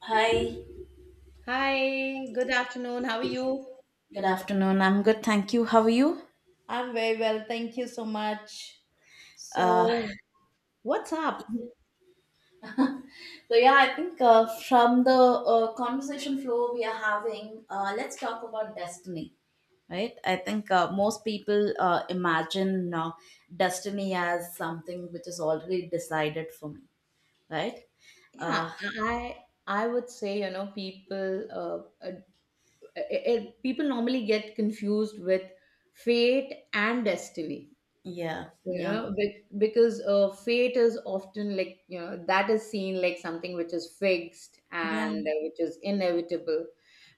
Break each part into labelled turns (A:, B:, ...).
A: Hi,
B: Hi, good afternoon. How are you?
A: good afternoon. I'm good, thank you. How are you?
B: I'm very well, thank you so much.
A: Uh,
B: So, what's up?
A: so yeah, I think from the conversation flow we are having, let's talk about destiny, right? I think most people imagine destiny as something which is already decided for me, right?
B: Yeah,
A: Uh,
B: I would say, you know, people normally get confused with fate and destiny.
A: yeah,
B: You
A: yeah,
B: know because fate is often like you know that is seen like something which is fixed
A: Yeah,
B: and which is inevitable,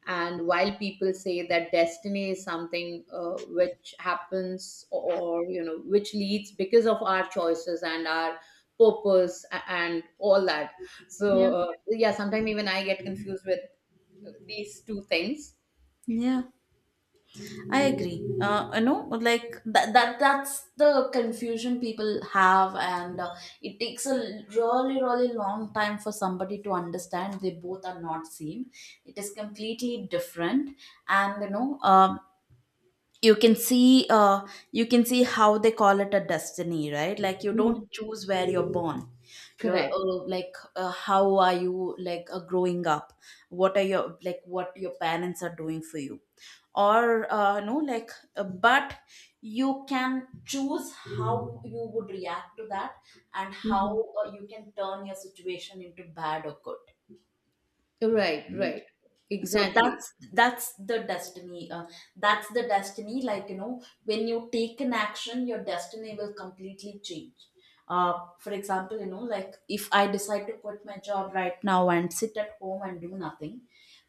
B: and while people say that destiny is something which happens or you know which leads because of our choices and our purpose and all that. So
A: yeah,
B: yeah, sometimes even I get confused with these two things.
A: yeah. I agree. You know, like that that's the confusion people have, and it takes a really, really long time for somebody to understand they both are not same. It is completely different, and you know, you can see uh you can see how they call it a destiny, right? Like, you don't
B: Mhm.
A: choose where you're born. You're
B: Correct.
A: like, how are you, like, growing up, what are your like, what your parents are doing for you, or no, like, but you can choose how you would react to that, and how
B: Mhm.
A: you can turn your situation into bad or good,
B: Right,
A: right?
B: right,
A: So
B: exactly.
A: that's the destiny, that's the destiny. Like, you know, when you take an action, your destiny will completely change. For example, you know, like, if I decide to quit my job right now and sit at home and do nothing,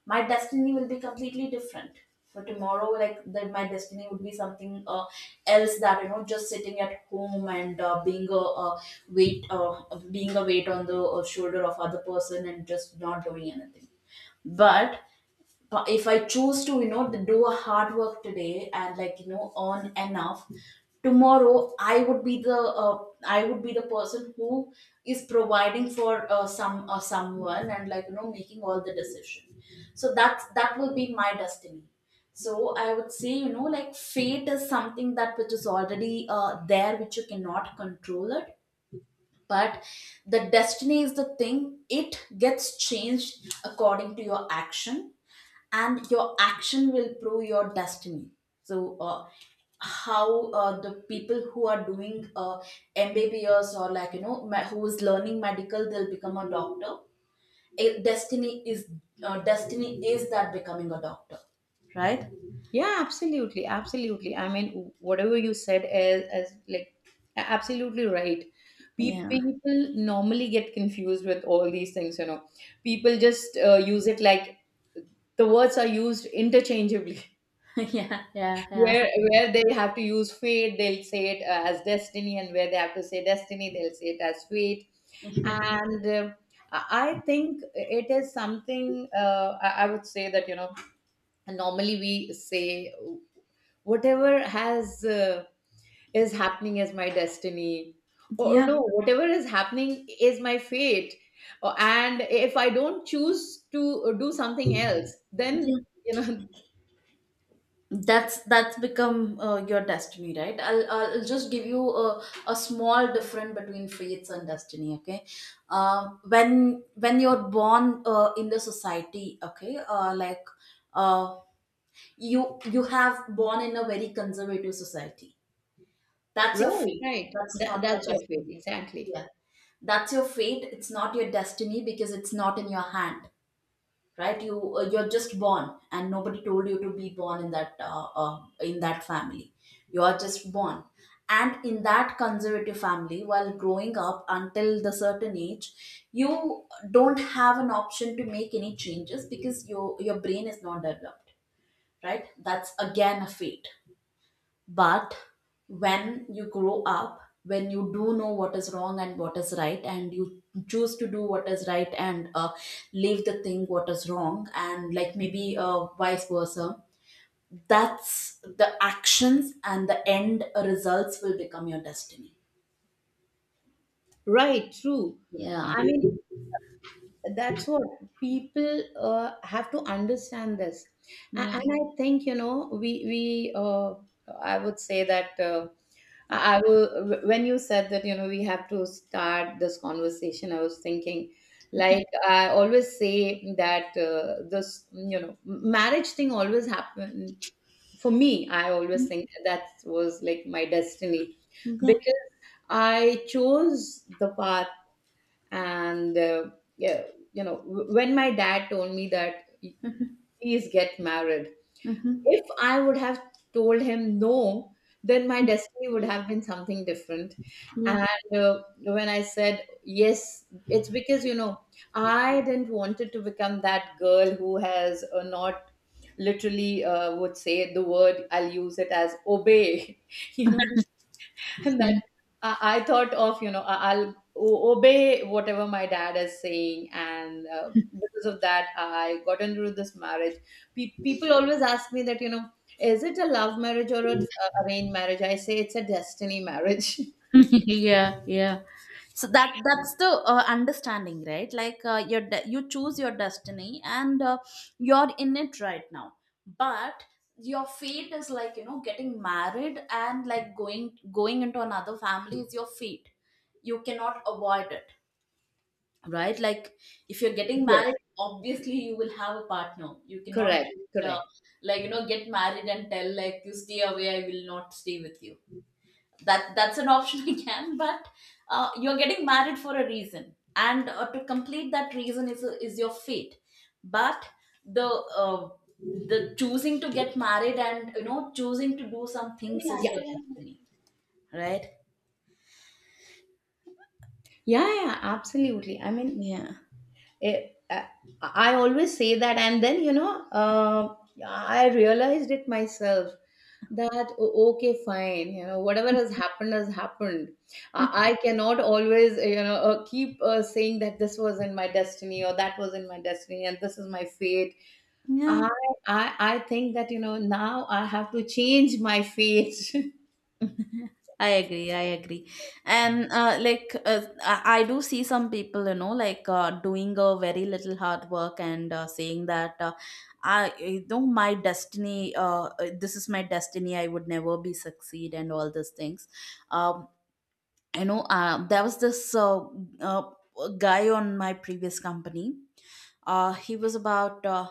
A: my destiny will be completely different. For tomorrow, like that, my destiny would be something else, that you know, just sitting at home and being a uh, weight, being a weight on the shoulder of other person and just not doing anything. But but if I choose to, you know, do a hard work today and like, you know, earn enough, tomorrow I would be the I would be the person who is providing for someone and like, you know, making all the decision. So that will be my destiny. So I would say, you know, like fate is something that which is already there, which you cannot control it. But the destiny is the thing, it gets changed according to your action, and your action will prove your destiny. So how the people who are doing mbbs, or like, you know, who is learning medical, they'll become a doctor. Eh, destiny is that becoming a doctor, right?
B: Yeah, absolutely, absolutely. I mean, whatever you said is like absolutely right.
A: Yeah.
B: People normally get confused with all these things, you know. People just use it like the words are used interchangeably.
A: Yeah, yeah, yeah.
B: Where where they have to use fate, they'll say it as destiny, and where they have to say destiny, they'll say it as fate. And I I think it is something. I would say that you know, and normally we say whatever has is happening is my destiny, or
A: Yeah.
B: no, whatever is happening is my fate, or, and if I don't choose to do something else,
A: Yeah.
B: then you know.
A: That's become your destiny, right? I'll just give you a small difference between faiths and destiny, okay? When you're born in the society, okay, uh, you you have born in a very conservative society, that's your
B: Right,
A: fate,
B: right,
A: that's
B: that,
A: not your
B: that's your fate,
A: destiny.
B: exactly.
A: Yeah, that's your fate, it's not your destiny, because it's not in your hand, right? You you're just born, and nobody told you to be born in that family. You are just born, and in that conservative family, while growing up until the certain age, you don't have an option to make any changes, because your brain is not developed, right? That's again a fate. But when you grow up, when you do know what is wrong and what is right, and you choose to do what is right and leave the thing what is wrong, and like, maybe vice versa, that's the actions, and the end results will become your destiny.
B: Right. True.
A: Yeah.
B: I mean, that's what people have to understand this.
A: Yeah.
B: And I think, you know, we I would say that I will, when you said that, you know, we have to start this conversation, I was thinking, like, I always say that this, you know, marriage thing always happened for me. I always think that was like my destiny
A: Yeah.
B: because I chose the path. And, yeah, you know, when my dad told me that, please get married,
A: Hmm.
B: if I would have told him no, then my destiny would have been something different.
A: Yeah.
B: And when I said yes, it's because, you know, I didn't wanted to become that girl who has not literally would say the word, I'll use it as obey, you know, and that I thought of, you know, I'll obey whatever my dad is saying, and because of that, I got into this marriage. People always ask me that, you know, is it a love marriage or an arranged marriage? I say it's a destiny marriage.
A: Yeah, yeah. So that's the understanding, right? Like, you choose your destiny, and you're in it right now. But your fate is, like, you know, getting married and like going into another family is your fate. You cannot avoid it, right? Like, if you're getting
B: Yes,
A: married, obviously you will have a partner. You cannot
B: correct,
A: just,
B: correct.
A: like, you know, get married and tell, like, you stay away, I will not stay with you. That's an option again. But you're getting married for a reason, and to complete that reason is your fate. But the uh, choosing to get married and, you know, choosing to do some things
B: Yeah,
A: is your
B: yeah,
A: destiny, right?
B: yeah, absolutely. I mean,
A: Yeah.
B: it, I I always say that, and then you know, I realized it myself that okay, fine, you know, whatever has happened has happened. I cannot always, you know, keep saying that this was in my destiny or that was in my destiny and this is my fate.
A: Yeah.
B: I, I think that, you know, now I have to change my fate.
A: I agree. I agree. And I do see some people, you know, like, doing a very little hard work and saying that I, you know, my destiny, this is my destiny. I would never be succeed and all these things. Um, you know, there was this uh, guy on my previous company. He was about, uh,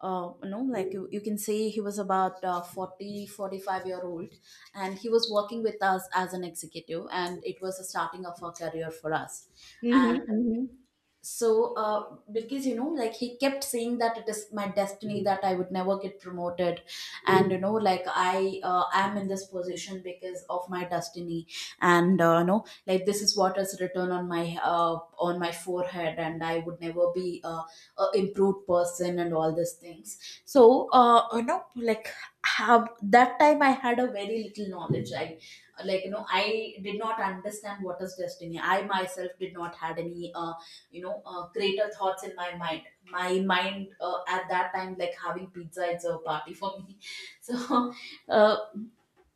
A: uh, you know, like, you can say he was about 40, 45 year old. And he was working with us as an executive. And it was the starting of our career for us.
B: Hmm, hmm.
A: So because, you know, like, he kept saying that it is my destiny that I would never get promoted, and you know, like, I am in this position because of my destiny, and you know, like, this is what is written on my forehead, and I would never be a improved person and all these things. So you know, like, have that time I had a very little knowledge. I like, you know, I did not understand what is destiny. I myself did not had any you know, greater thoughts in my mind. My mind at that time, like, having pizza, it's a party for me. So uh,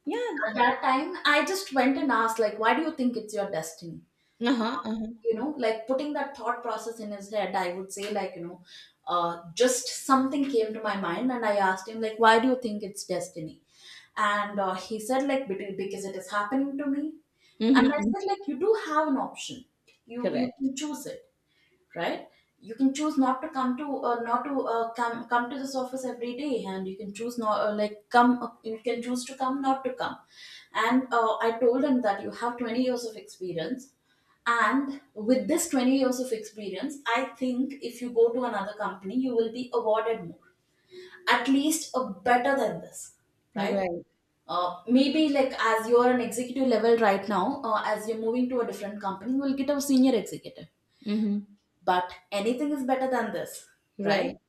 B: Yeah.
A: at that time, I just went and asked, like, why do you think it's your destiny?
B: Uh
A: Uh,
B: huh, uh huh.
A: you know, like, putting that thought process in his head, I would say, like, you know, uh, just something came to my mind, and I asked him, like, why do you think it's destiny? And he said, like, "Be- because it is happening to me." And I
B: Hmm.
A: said, like, you do have an option, you
B: Correct.
A: can choose it, right? You can choose not to come to not to come come to this office every day, and you can choose not like come you can choose to come not to come. And I told him that you have 20 years of experience, and with this 20 years of experience, I think if you go to another company, you will be awarded more, at least a better than this, right?
B: Right.
A: Maybe, like, as you're an executive level right now, as you're moving to a different company, you'll get a senior executive,
B: Hmm.
A: but anything is better than this, right?
B: Right.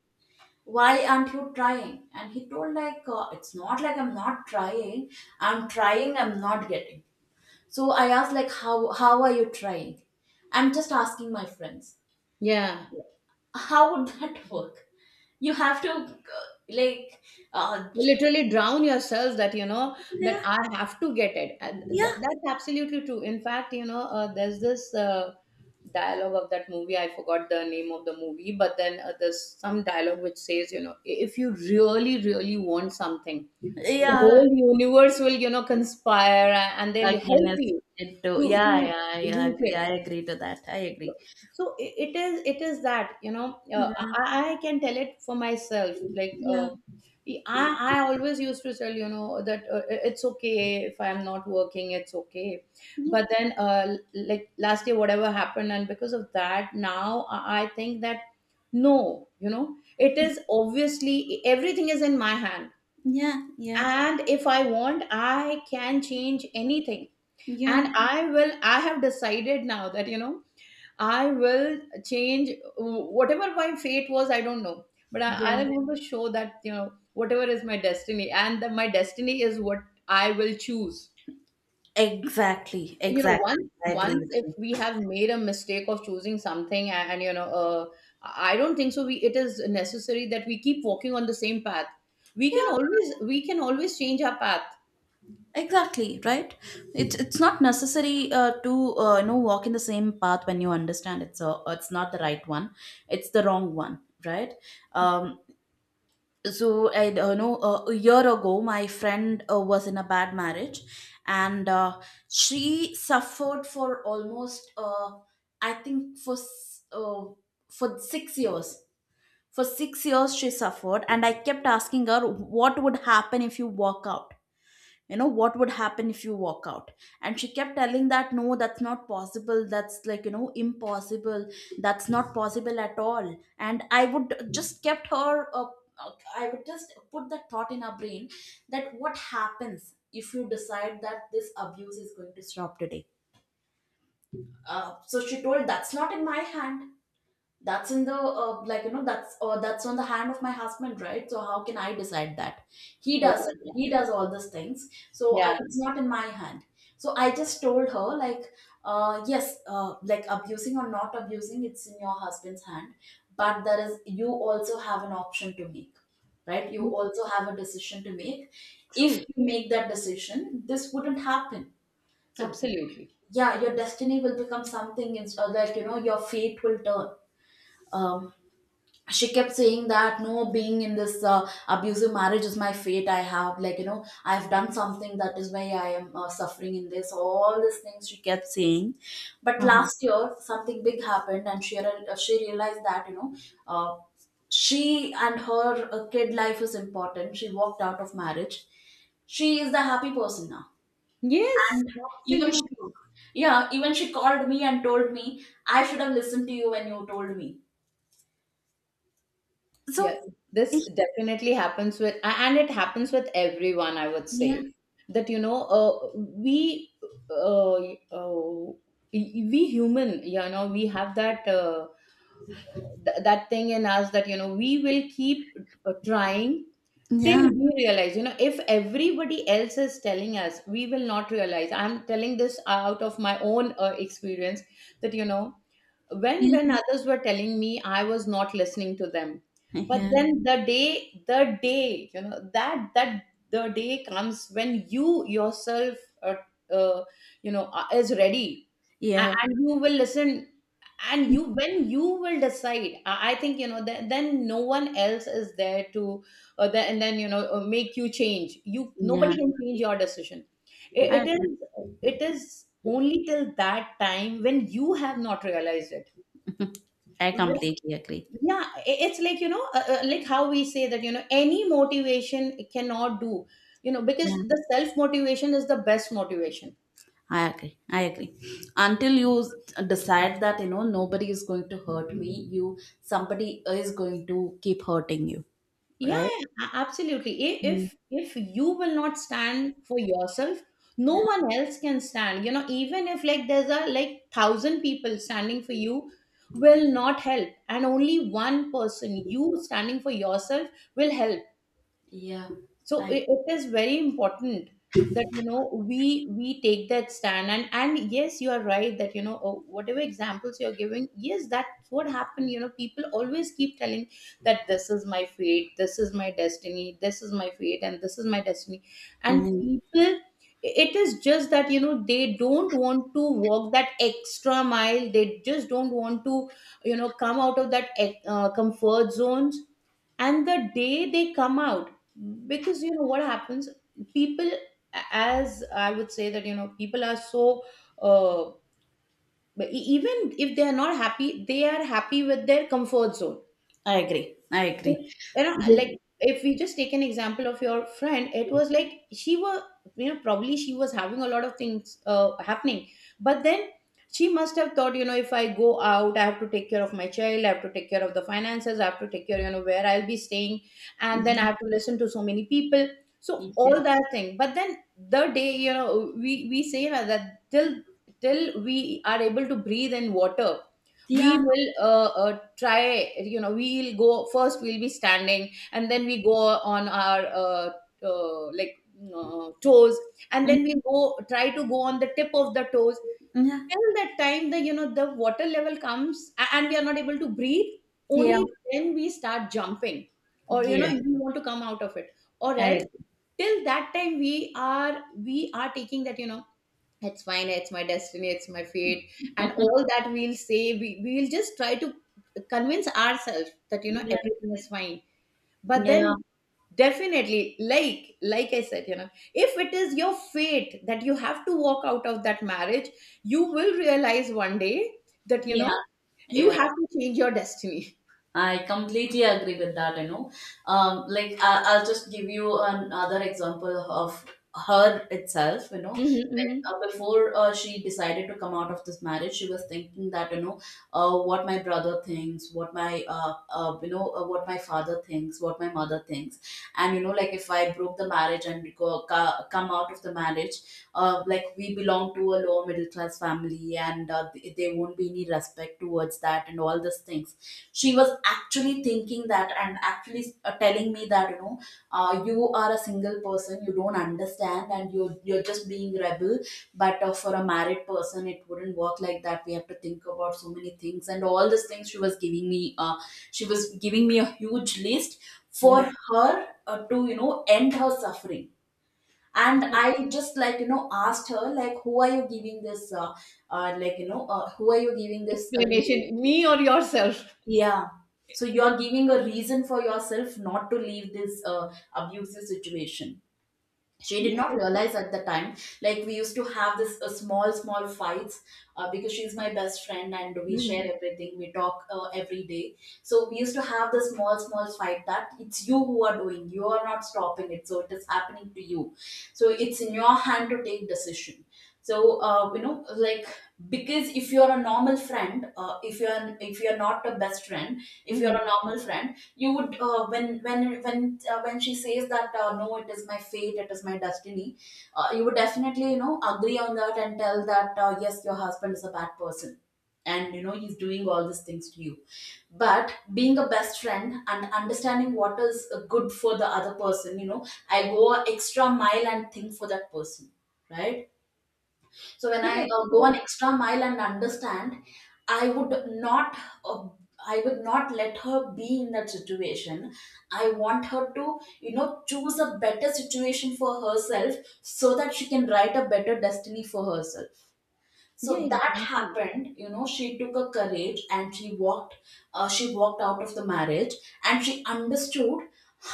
A: Why aren't you trying? And he told, like, it's not like I'm not trying, I'm trying, I'm not getting. So I asked, like, how are you trying? I'm just asking my friends.
B: Yeah.
A: How would that work? You have to like uh,
B: You literally drown yourselves that you know that
A: yeah,
B: I have to get it. And
A: yeah,
B: that's absolutely true. In fact, you know, there's this dialogue of that movie, I forgot the name of the movie, but then there's some dialogue which says, you know, if you really really want something, the
A: yeah,
B: whole universe will, you know, conspire and they'll
A: again,
B: help
A: it's
B: you
A: it too. Yeah,
B: to
A: yeah, I
B: reach
A: agree,
B: it.
A: I agree to that, I agree.
B: So it is, it is that, you know, uh,
A: Yeah,
B: I can tell it for myself, like
A: yeah,
B: I, I always used to tell, you know, that it's okay if I'm not working, it's okay. But then like last year whatever happened, and because of that, now I think that no, you know, it is obviously everything is in my hand,
A: yeah, yeah,
B: and if I want, I can change anything.
A: yeah,
B: And I will, I have decided now that, you know, I will change whatever my fate was, I don't know. But I
A: yeah.
B: want to show that, you know, whatever is my destiny, and that my destiny is what I will choose.
A: Exactly,
B: You know, once
A: exactly. I agree
B: once
A: with
B: if
A: you.
B: we have made a mistake of choosing something, and you know, I don't think so. We it is necessary that we keep walking on the same path. We can
A: Yeah,
B: always, we can always change our path.
A: exactly, right? It's not necessary to, you know, walk in the same path when you understand it's not the right one. It's the wrong one, right? Um so I know, a year ago, my friend was in a bad marriage, and she suffered for almost I think for for 6 years. For 6 years, she suffered, and I kept asking her, what would happen if you walk out? You know, what would happen if you walk out? And she kept telling that, no, that's not possible. That's, like, you know, impossible. That's not possible at all. And I would just kept her, uh, I would just put that thought in her brain, that what happens if you decide that this abuse is going to stop today? So she told, that's not in my hand, that's in the like, you know, that's on the hand of my husband, right? So how can I decide that he
B: Oh
A: does it.
B: my God.
A: He does all these things, so
B: Yeah.
A: it's not in my hand. So I just told her like, yes, like abusing or not abusing, it's in your husband's hand, but there is you also have an option to make, right? You also have a decision to make. If
B: True.
A: you make that decision, this wouldn't happen. So
B: Absolutely.
A: yeah, your destiny will become something in, like you know, your fate will turn. um, she kept saying that no, being in this abusive marriage is my fate. I have like you know, I've done something, that is why I am suffering in this, all these things she kept saying. But
B: Uh-huh.
A: last year something big happened and she realized that, you know, uh, she and her kid life is important. She walked out of marriage. She is the happy person now.
B: Yes,
A: And even she,
B: absolutely.
A: yeah, even she called me and told me, I should have listened to you when you told me.
B: Yes,
A: So
B: this definitely happens with, and it happens with everyone, I would
A: yeah.
B: say, that, you know, uh, uh, we human, you know, we have that, that thing in us that, you know, we will keep trying till
A: Yeah,
B: we realize, you know, if everybody else is telling us, we will not realize. I'm telling this out of my own experience, that, you know,
A: yeah,
B: when others were telling me, I was not listening to them. But
A: yeah,
B: then the day, the day you know that that the day comes when you yourself uh, you know is ready,
A: yeah,
B: and you will listen. And you, when you will decide, I think, you know, then no one else is there to and then, you know, make you change you,
A: yeah.
B: nobody can change your decision.
A: I
B: It
A: agree.
B: is it is only till that time when you have not realized it.
A: I completely agree.
B: Yeah, it's like, you know, like how we say that, you know, any motivation cannot do, you know, because
A: Yeah,
B: the self motivation is the best motivation.
A: I agree. I agree. Until decide that, you know, nobody is going to hurt me, you somebody is going to keep hurting you,
B: Yeah,
A: right?
B: yeah, absolutely.
A: Mm.
B: If you will not stand for yourself, no
A: Yeah,
B: one else can stand. You know, even if like there's a like thousand people standing for you, will not help, and only one person, you standing for yourself, will help.
A: yeah.
B: So
A: I agree.
B: it is very important that, you know, we take that stand. And yes, you are right that, you know, oh, whatever examples you're giving, yes, that's what happened. You know, people always keep telling that this is my fate, this is my destiny, this is my fate, and this is my destiny. And
A: Yeah,
B: people, it is just that, you know, they don't want to walk that extra mile, they just don't want to, you know, come out of that comfort zones. And the day they come out, because you know what happens, people, as I would say that, you know, people are so uh, even if they are not happy, they are happy with their comfort zone.
A: I agree. I agree.
B: You know, like
A: The-
B: if we just take an example of your friend, it was like she was, you know, probably she was having a lot of things happening, but then she must have thought, you know, if I go out, I have to take care of my child, I have to take care of the finances, I have to take care, you know, where I'll be staying, and then I
A: Mhm.
B: have to listen to so many people. So
A: Yeah.
B: all that thing. But then, the day, you know, we say that till till we are able to breathe in water, we
A: Yeah.
B: will try, you know, we'll go first, we'll be standing, and then we go on our uh, like toes, and
A: Mm.
B: then we go try to go on the tip of the toes,
A: Yeah.
B: till that time the, you know, the water level comes and we are not able to breathe,
A: Yeah.
B: only then we start jumping, or you know,
A: Yeah.
B: we want to come out of it. Or
A: I
B: else,
A: agree.
B: till that time, we are, we are taking that, you know, it's fine, it's my destiny, it's my fate, and all that, we'll say, we, we'll just try to convince ourselves that, you know,
A: Yeah.
B: everything is fine. But
A: Yeah.
B: then, definitely, like I said, you know, if it is your fate that you have to walk out of that marriage, you will realize one day that, you
A: Yeah.
B: know, you
A: Yeah.
B: have to change your destiny.
A: I completely agree with that. You know, like I'll just give you another example of her itself. You know,
B: Mm-hmm,
A: when,
B: mm-hmm.
A: before she decided to come out of this marriage, she was thinking that, you know, what my brother thinks, what my you know, what my father thinks, what my mother thinks, and you know, like if I broke the marriage and come out of the marriage, like we belong to a lower middle class family, and they won't be any respect towards that and all these things. She was actually thinking that, and actually telling me that, you know, you are a single person, you don't understand, and you're just being rebel. But for a married person, it wouldn't work like that. We have to think about so many things, and all these things she was giving me she was giving me a huge list for
B: Yeah.
A: her to, you know, end her suffering. And I just like, you know, asked her like, who are you giving this like you know, who are you giving this reading?
B: Explanation me or yourself.
A: Yeah. So you're giving a reason for yourself not to leave this abusive situation. She did
B: Yeah.
A: not realize at the time. Like, we used to have this small small fights, because she's my best friend and we share
B: Mhm,
A: everything. We talk every day. So we used to have the small small fight, that it's you who are doing, you are not stopping it, so it is happening to you. So it's in your hand to take decision. So you know, like, because if you're a normal friend, if you're not a best friend, if you're a
B: mhm.
A: normal friend, you would when she says that, no, it is my fate, it is my destiny, you would definitely, you know, agree on that and tell that, yes, your husband is a bad person and you know, he's doing all these things to you. But being a best friend and understanding what is good for the other person, you know, I go a extra mile and think for that person, right? So when I
B: Correct,
A: go an
B: correct.
A: extra mile and understand, I would not. Uh, I would not let her be in that situation. I want her to, you know, choose a better situation for herself, so that she can write a better destiny for herself.
B: Yeah,
A: So that
B: exactly.
A: happened, you know, she took a courage and she walked, she walked out of the marriage. And she understood,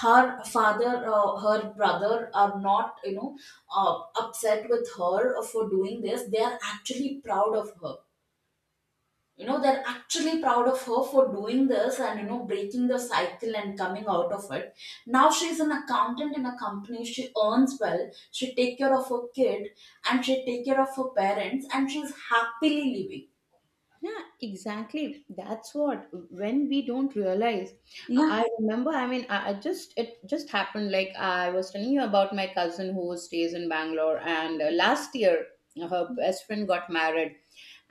A: her father, her brother are not, you know, upset with her for doing this. They are actually proud of her. You know, they're actually proud of her for doing this and, you know, breaking the cycle and coming out of it. Now she's an accountant in a company. She earns well. She take care of her kid and she take care of her parents and she's happily living.
B: Yeah, exactly. That's what when we don't realize.
A: Yeah,
B: I remember. I mean, I just it just happened. Like I was telling you about my cousin who stays in Bangalore, and last year her best friend got married,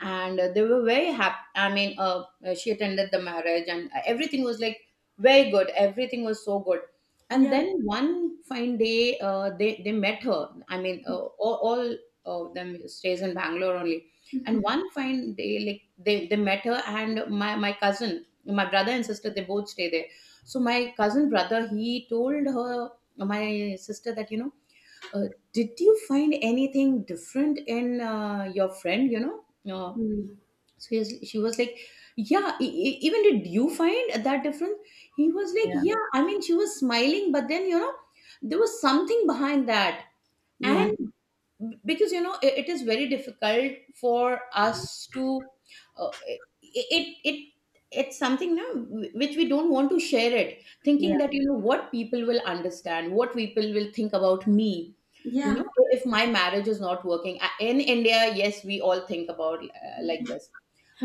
B: and they were very happy. She attended the marriage, and everything was like very good, everything was so good.
A: yeah,
B: And then one fine day, they met her. All of them stays in Bangalore only. And one fine day, like, they met her, and my cousin, my brother and sister, they both stay there. So my cousin brother, he told her, my sister, that, you know, uh, did you find anything different in your friend, you know? uh,
A: mm,
B: so she was like, yeah, even did you find that difference? He was like,
A: yeah,
B: yeah, I mean, she was smiling, but then, there was something behind that.
A: yeah,
B: And because, you know, it is very difficult for us to uh, i- it it it's something now which we don't want to share, it
A: yeah,
B: thinking that, you know, what people will understand, what people will think about me, you
A: yeah.
B: know. If my marriage is not working in India, yes, we all think about like this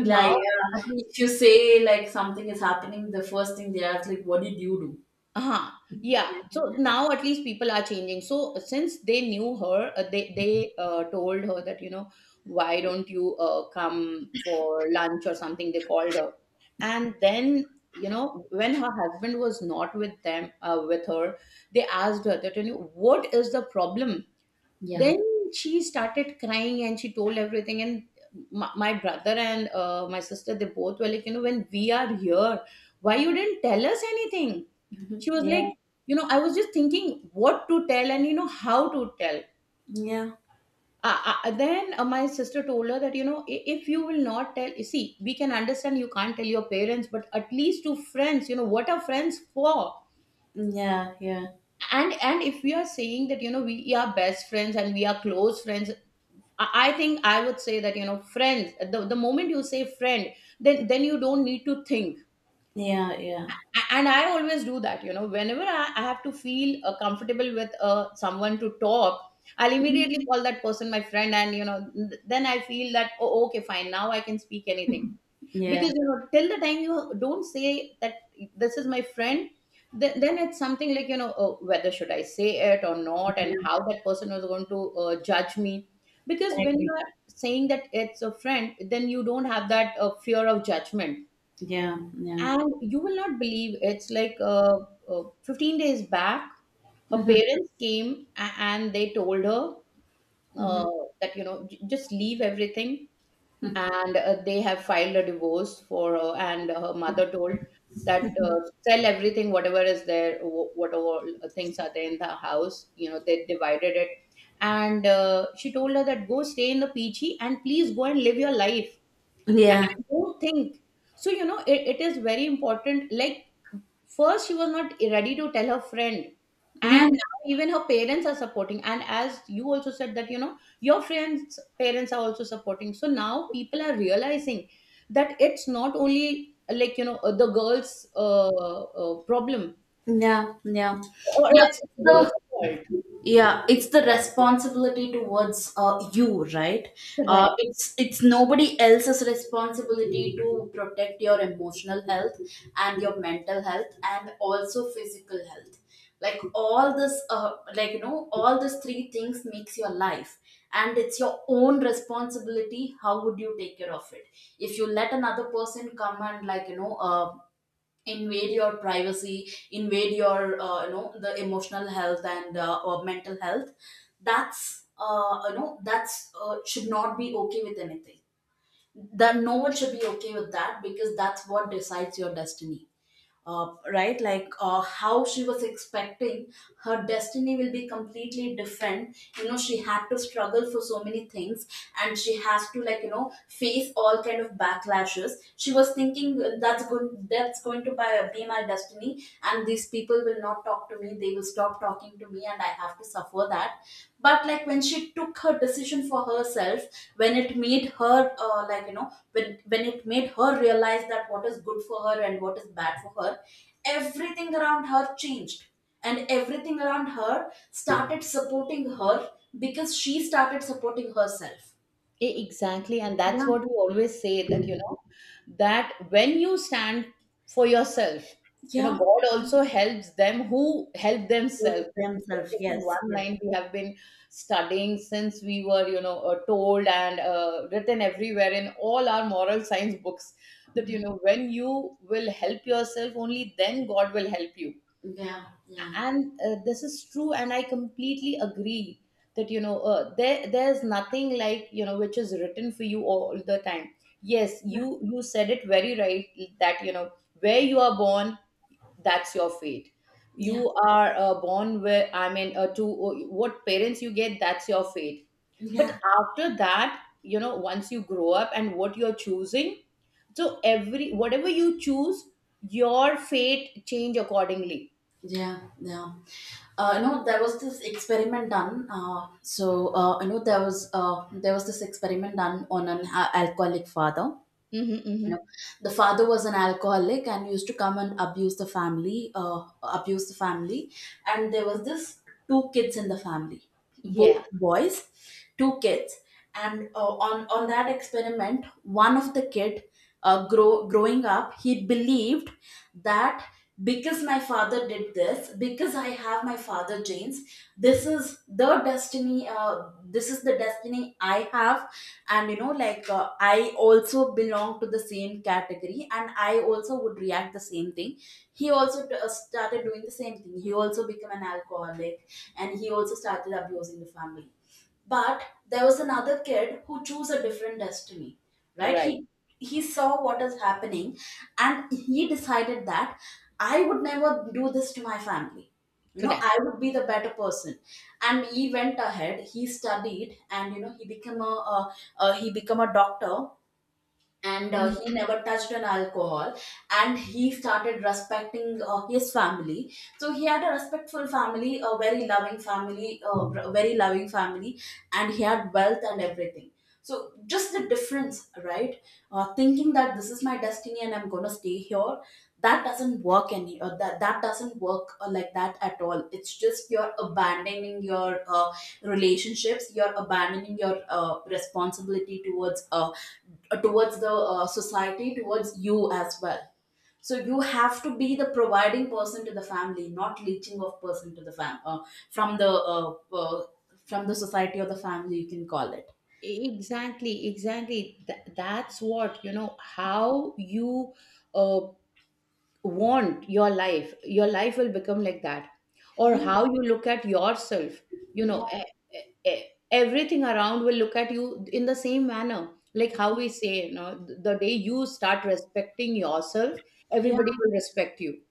B: now. At least
A: if you say like something is happening, the first thing they ask like, "What did you do?"
B: uh-huh. Yeah, so now at least people are changing. So since they knew her, they told her that, you know, why don't you come for lunch or something? They called her, and then, you know, when her husband was not with them with her, they asked her that, you know, what is the problem?
A: Yeah.
B: Then she started crying and she told everything. And my brother and my sister, they both were like, you know, when we are here, why you didn't tell us anything? She was like,
A: Yeah.
B: you know, I was just thinking what to tell and, you know, how to tell.
A: Yeah.
B: Then my sister told her that, you know, if you will not tell, you see, we can understand you can't tell your parents, but at least to friends, you know, what are friends for?
A: Yeah. Yeah.
B: And if we are saying that, you know, we are best friends and we are close friends, I think I would say that, you know, friends, the moment you say friend, then you don't need to think.
A: Yeah. Yeah.
B: And I always do that, you know, whenever I have to feel comfortable with someone to talk, I'll immediately call that person my friend, and you know, then I feel that, oh, okay, fine, now I can speak anything.
A: Yeah.
B: Because you know, till the time you don't say that this is my friend, then it's something like, you know, oh, whether should I say it or not, and
A: Yeah.
B: how that person was going to judge me. Because
A: I
B: when you
A: agree.
B: are saying that it's a friend, then you don't have that fear of judgment.
A: Yeah, yeah.
B: And you will not believe, it's like 15 days back, her
A: Mhm,
B: parents came and they told her
A: mhm.
B: uh, that, you know, just leave everything. And they have filed a divorce for her. And her mother told that sell everything, whatever is there, whatever things are there in the house. You know, they divided it. And she told her that go stay in the PG and please go and live your life. And
A: Yeah.
B: don't think. So you know, it is very important, like, first she was not ready to tell her friend,
A: Yeah,
B: and now even her parents are supporting. And as you also said that, you know, your friends' parents are also supporting. So now people are realizing that it's not only like, you know, the girls' problem,
A: yeah, yeah.
B: or
A: Yeah,
B: it's
A: it's
B: the girls'
A: the
B: fault,
A: yeah, it's the responsibility towards you, right?
B: right?
A: It's nobody else's responsibility to protect your emotional health and your mental health and also physical health. Like all this like you know, all these three things makes your life, and it's your own responsibility how would you take care of it. If you let another person come and like, you know, invade your privacy, invade your you know, the emotional health and or mental health, that's you know, that's should not be okay with anything. That no one should be okay with that, because that's what decides your destiny. Right, like how she was expecting, her destiny will be completely different. You know, she had to struggle for so many things, and she has to like, you know, face all kind of backlashes. She was thinking that's good, that's going to be my destiny, and these people will not talk to me, they will stop talking to me, and I have to suffer that. But like, when she took her decision for herself, when it made her like you know, when it made her realize that what is good for her and what is bad for her, everything around her changed, and everything around her started supporting her, because she started supporting herself.
B: Exactly, and that's
A: Yeah,
B: what we always say, that you know, that when you stand for yourself, you know,
A: yeah.
B: God also helps them who help
A: With
B: themselves.
A: themselves,
B: This is
A: yes,
B: one
A: yes.
B: line we have been studying since we were, you know, told and written everywhere in all our moral science books, that you know, when you will help yourself, only then God will help you.
A: Yeah, yeah.
B: And this is true, and I completely agree that, you know, there's nothing like, you know, which is written for you all the time. Yes,
A: Yeah.
B: you said it very right, that you know, where you are born, that's your fate.
A: Yeah,
B: You are born where, to what parents you get, that's your fate. But
A: yeah.
B: after that, you know, once you grow up and what you're choosing, so every whatever you choose, your fate change accordingly.
A: Yeah, yeah. No, there was this experiment done. I know there was this experiment done on an alcoholic father.
B: Hmm,
A: You
B: hmm.
A: know, the father was an alcoholic and used to come and abuse the family, abuse the family. And there was this two kids in the family,
B: Yeah.
A: both boys, two kids. And on that experiment, one of the kid growing up, he believed that, because my father did this, because I have my father genes, this is the destiny, this is the destiny I have. And you know, like I also belong to the same category and I also would react the same thing. He also started doing the same thing. He also became an alcoholic and he also started abusing the family. But there was another kid who chose a different destiny, right?
B: Right.
A: He he saw what is happening, and he decided that, I would never do this to my family. You know, I
B: Correct.
A: would be the better person. And he went ahead, he studied, and you know, he became a he became a doctor. And
B: Mhm.
A: he never touched an alcohol, and he started respecting his family. So he had a respectful family, a very loving family, a very loving family. And he had wealth and everything. So just the difference, right? Thinking that this is my destiny and I'm going to stay here, that doesn't work any that that doesn't work like that at all. It's just you're abandoning your relationships, you're abandoning your responsibility towards towards the society, towards you as well. So you have to be the providing person to the family, not leeching of person to the fam from the uh, uh, from the society or the family, you can call it.
B: Exactly, exactly. That's what, you know, how you uh, want your life, your life will become like that. Or
A: Yeah,
B: how you look at yourself. You
A: yeah,
B: know, e- e- everything around will look at you in the same manner. Like how we say, you know, the day you start respecting yourself,
A: yeah,
B: everybody will respect you.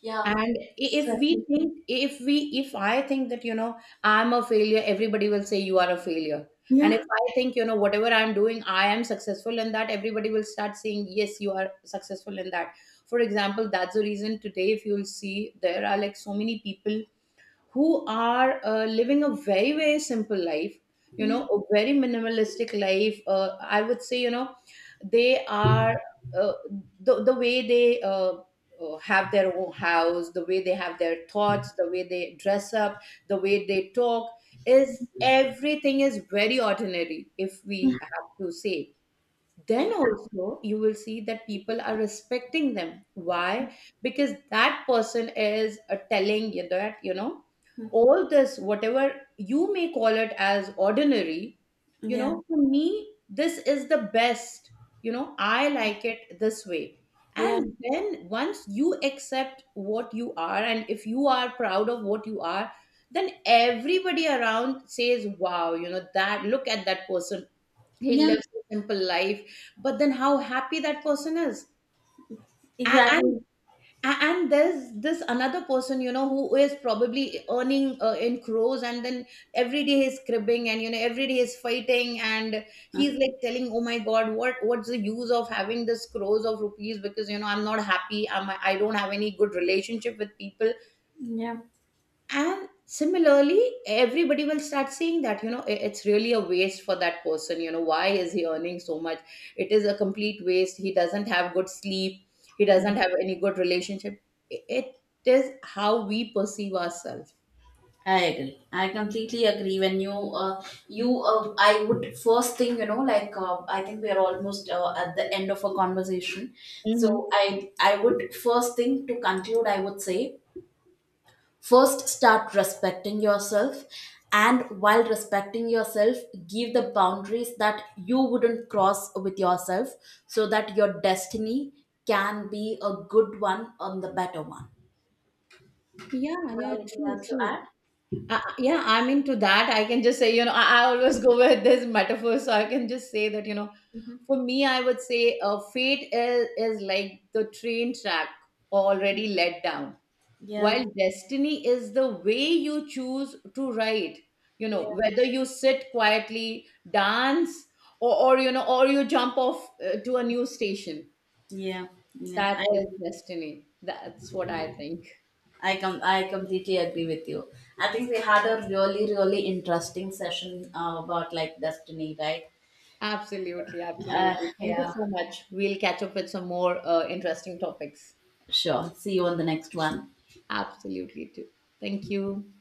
A: yeah,
B: And if we if I think that, you know, I'm a failure, everybody will say you are a failure. And
A: yeah,
B: if I think, you know, whatever I'm doing I am successful in that, everybody will start saying yes, you are successful in that. For example, that's the reason today, if you'll see, there are like so many people who are living a very, very simple life, you know,
A: yeah,
B: a very minimalistic life, I would say, you know, they are uh, the way they have their own house, the way they have their thoughts, the way they dress up, the way they talk is, everything is very ordinary, if we have to say. Then
A: exactly,
B: also you will see that people are respecting them. Why? Because that person is telling you that, you know, all this whatever you may call it as ordinary, you
A: yeah,
B: know, for me this is the best, you know, I like it this way.
A: yeah,
B: And then once you accept what you are, and if you are proud of what you are, then everybody around says, wow, you know, that, look at that person, he
A: yeah,
B: lives a simple life but then how happy that person is. A- and
A: exactly,
B: and there's this another person, you know, who is probably earning in crores, and then every day he's cribbing, and you know, every day he's fighting, and he's like telling, oh my god, what what's the use of having this crores of rupees, because you know, I'm not happy. I don't have any good relationship with people.
A: yeah.
B: And similarly, everybody will start saying that, you know, it's really a waste for that person, you know, why is he earning so much? It is a complete waste, he doesn't have good sleep, he doesn't have any good relationship. It is how we perceive ourselves.
A: I agree. I completely agree. When I would first thing, you know, like I think we are almost at the end of a conversation. So
B: Hmm.
A: I would first thing to conclude. I would say, first start respecting yourself, and while respecting yourself, give the boundaries that you wouldn't cross with yourself, so that your destiny can be a good one and the better one. Do you
B: Yeah, yeah,
A: have anything
B: true,
A: else to
B: true.
A: add?
B: Yeah, I'm into that. I can just say, you know, I always go with this metaphor, so I can just say that, you know,
A: Hmm.
B: for me, I would say fate is like the train track already let down,
A: Yeah.
B: while destiny is the way you choose to ride. You know,
A: Yeah.
B: whether you sit quietly, dance, or, you know, or you jump off to a new station.
A: Yeah, yeah.
B: That is destiny. That's what I think.
A: I I completely agree with you. I think we had a really really interesting session about like destiny, right?
B: Absolutely, absolutely. Thank you
A: Yeah.
B: so much. We'll catch up with some more interesting topics.
A: Sure. See you on the next one.
B: Absolutely, too. Thank you.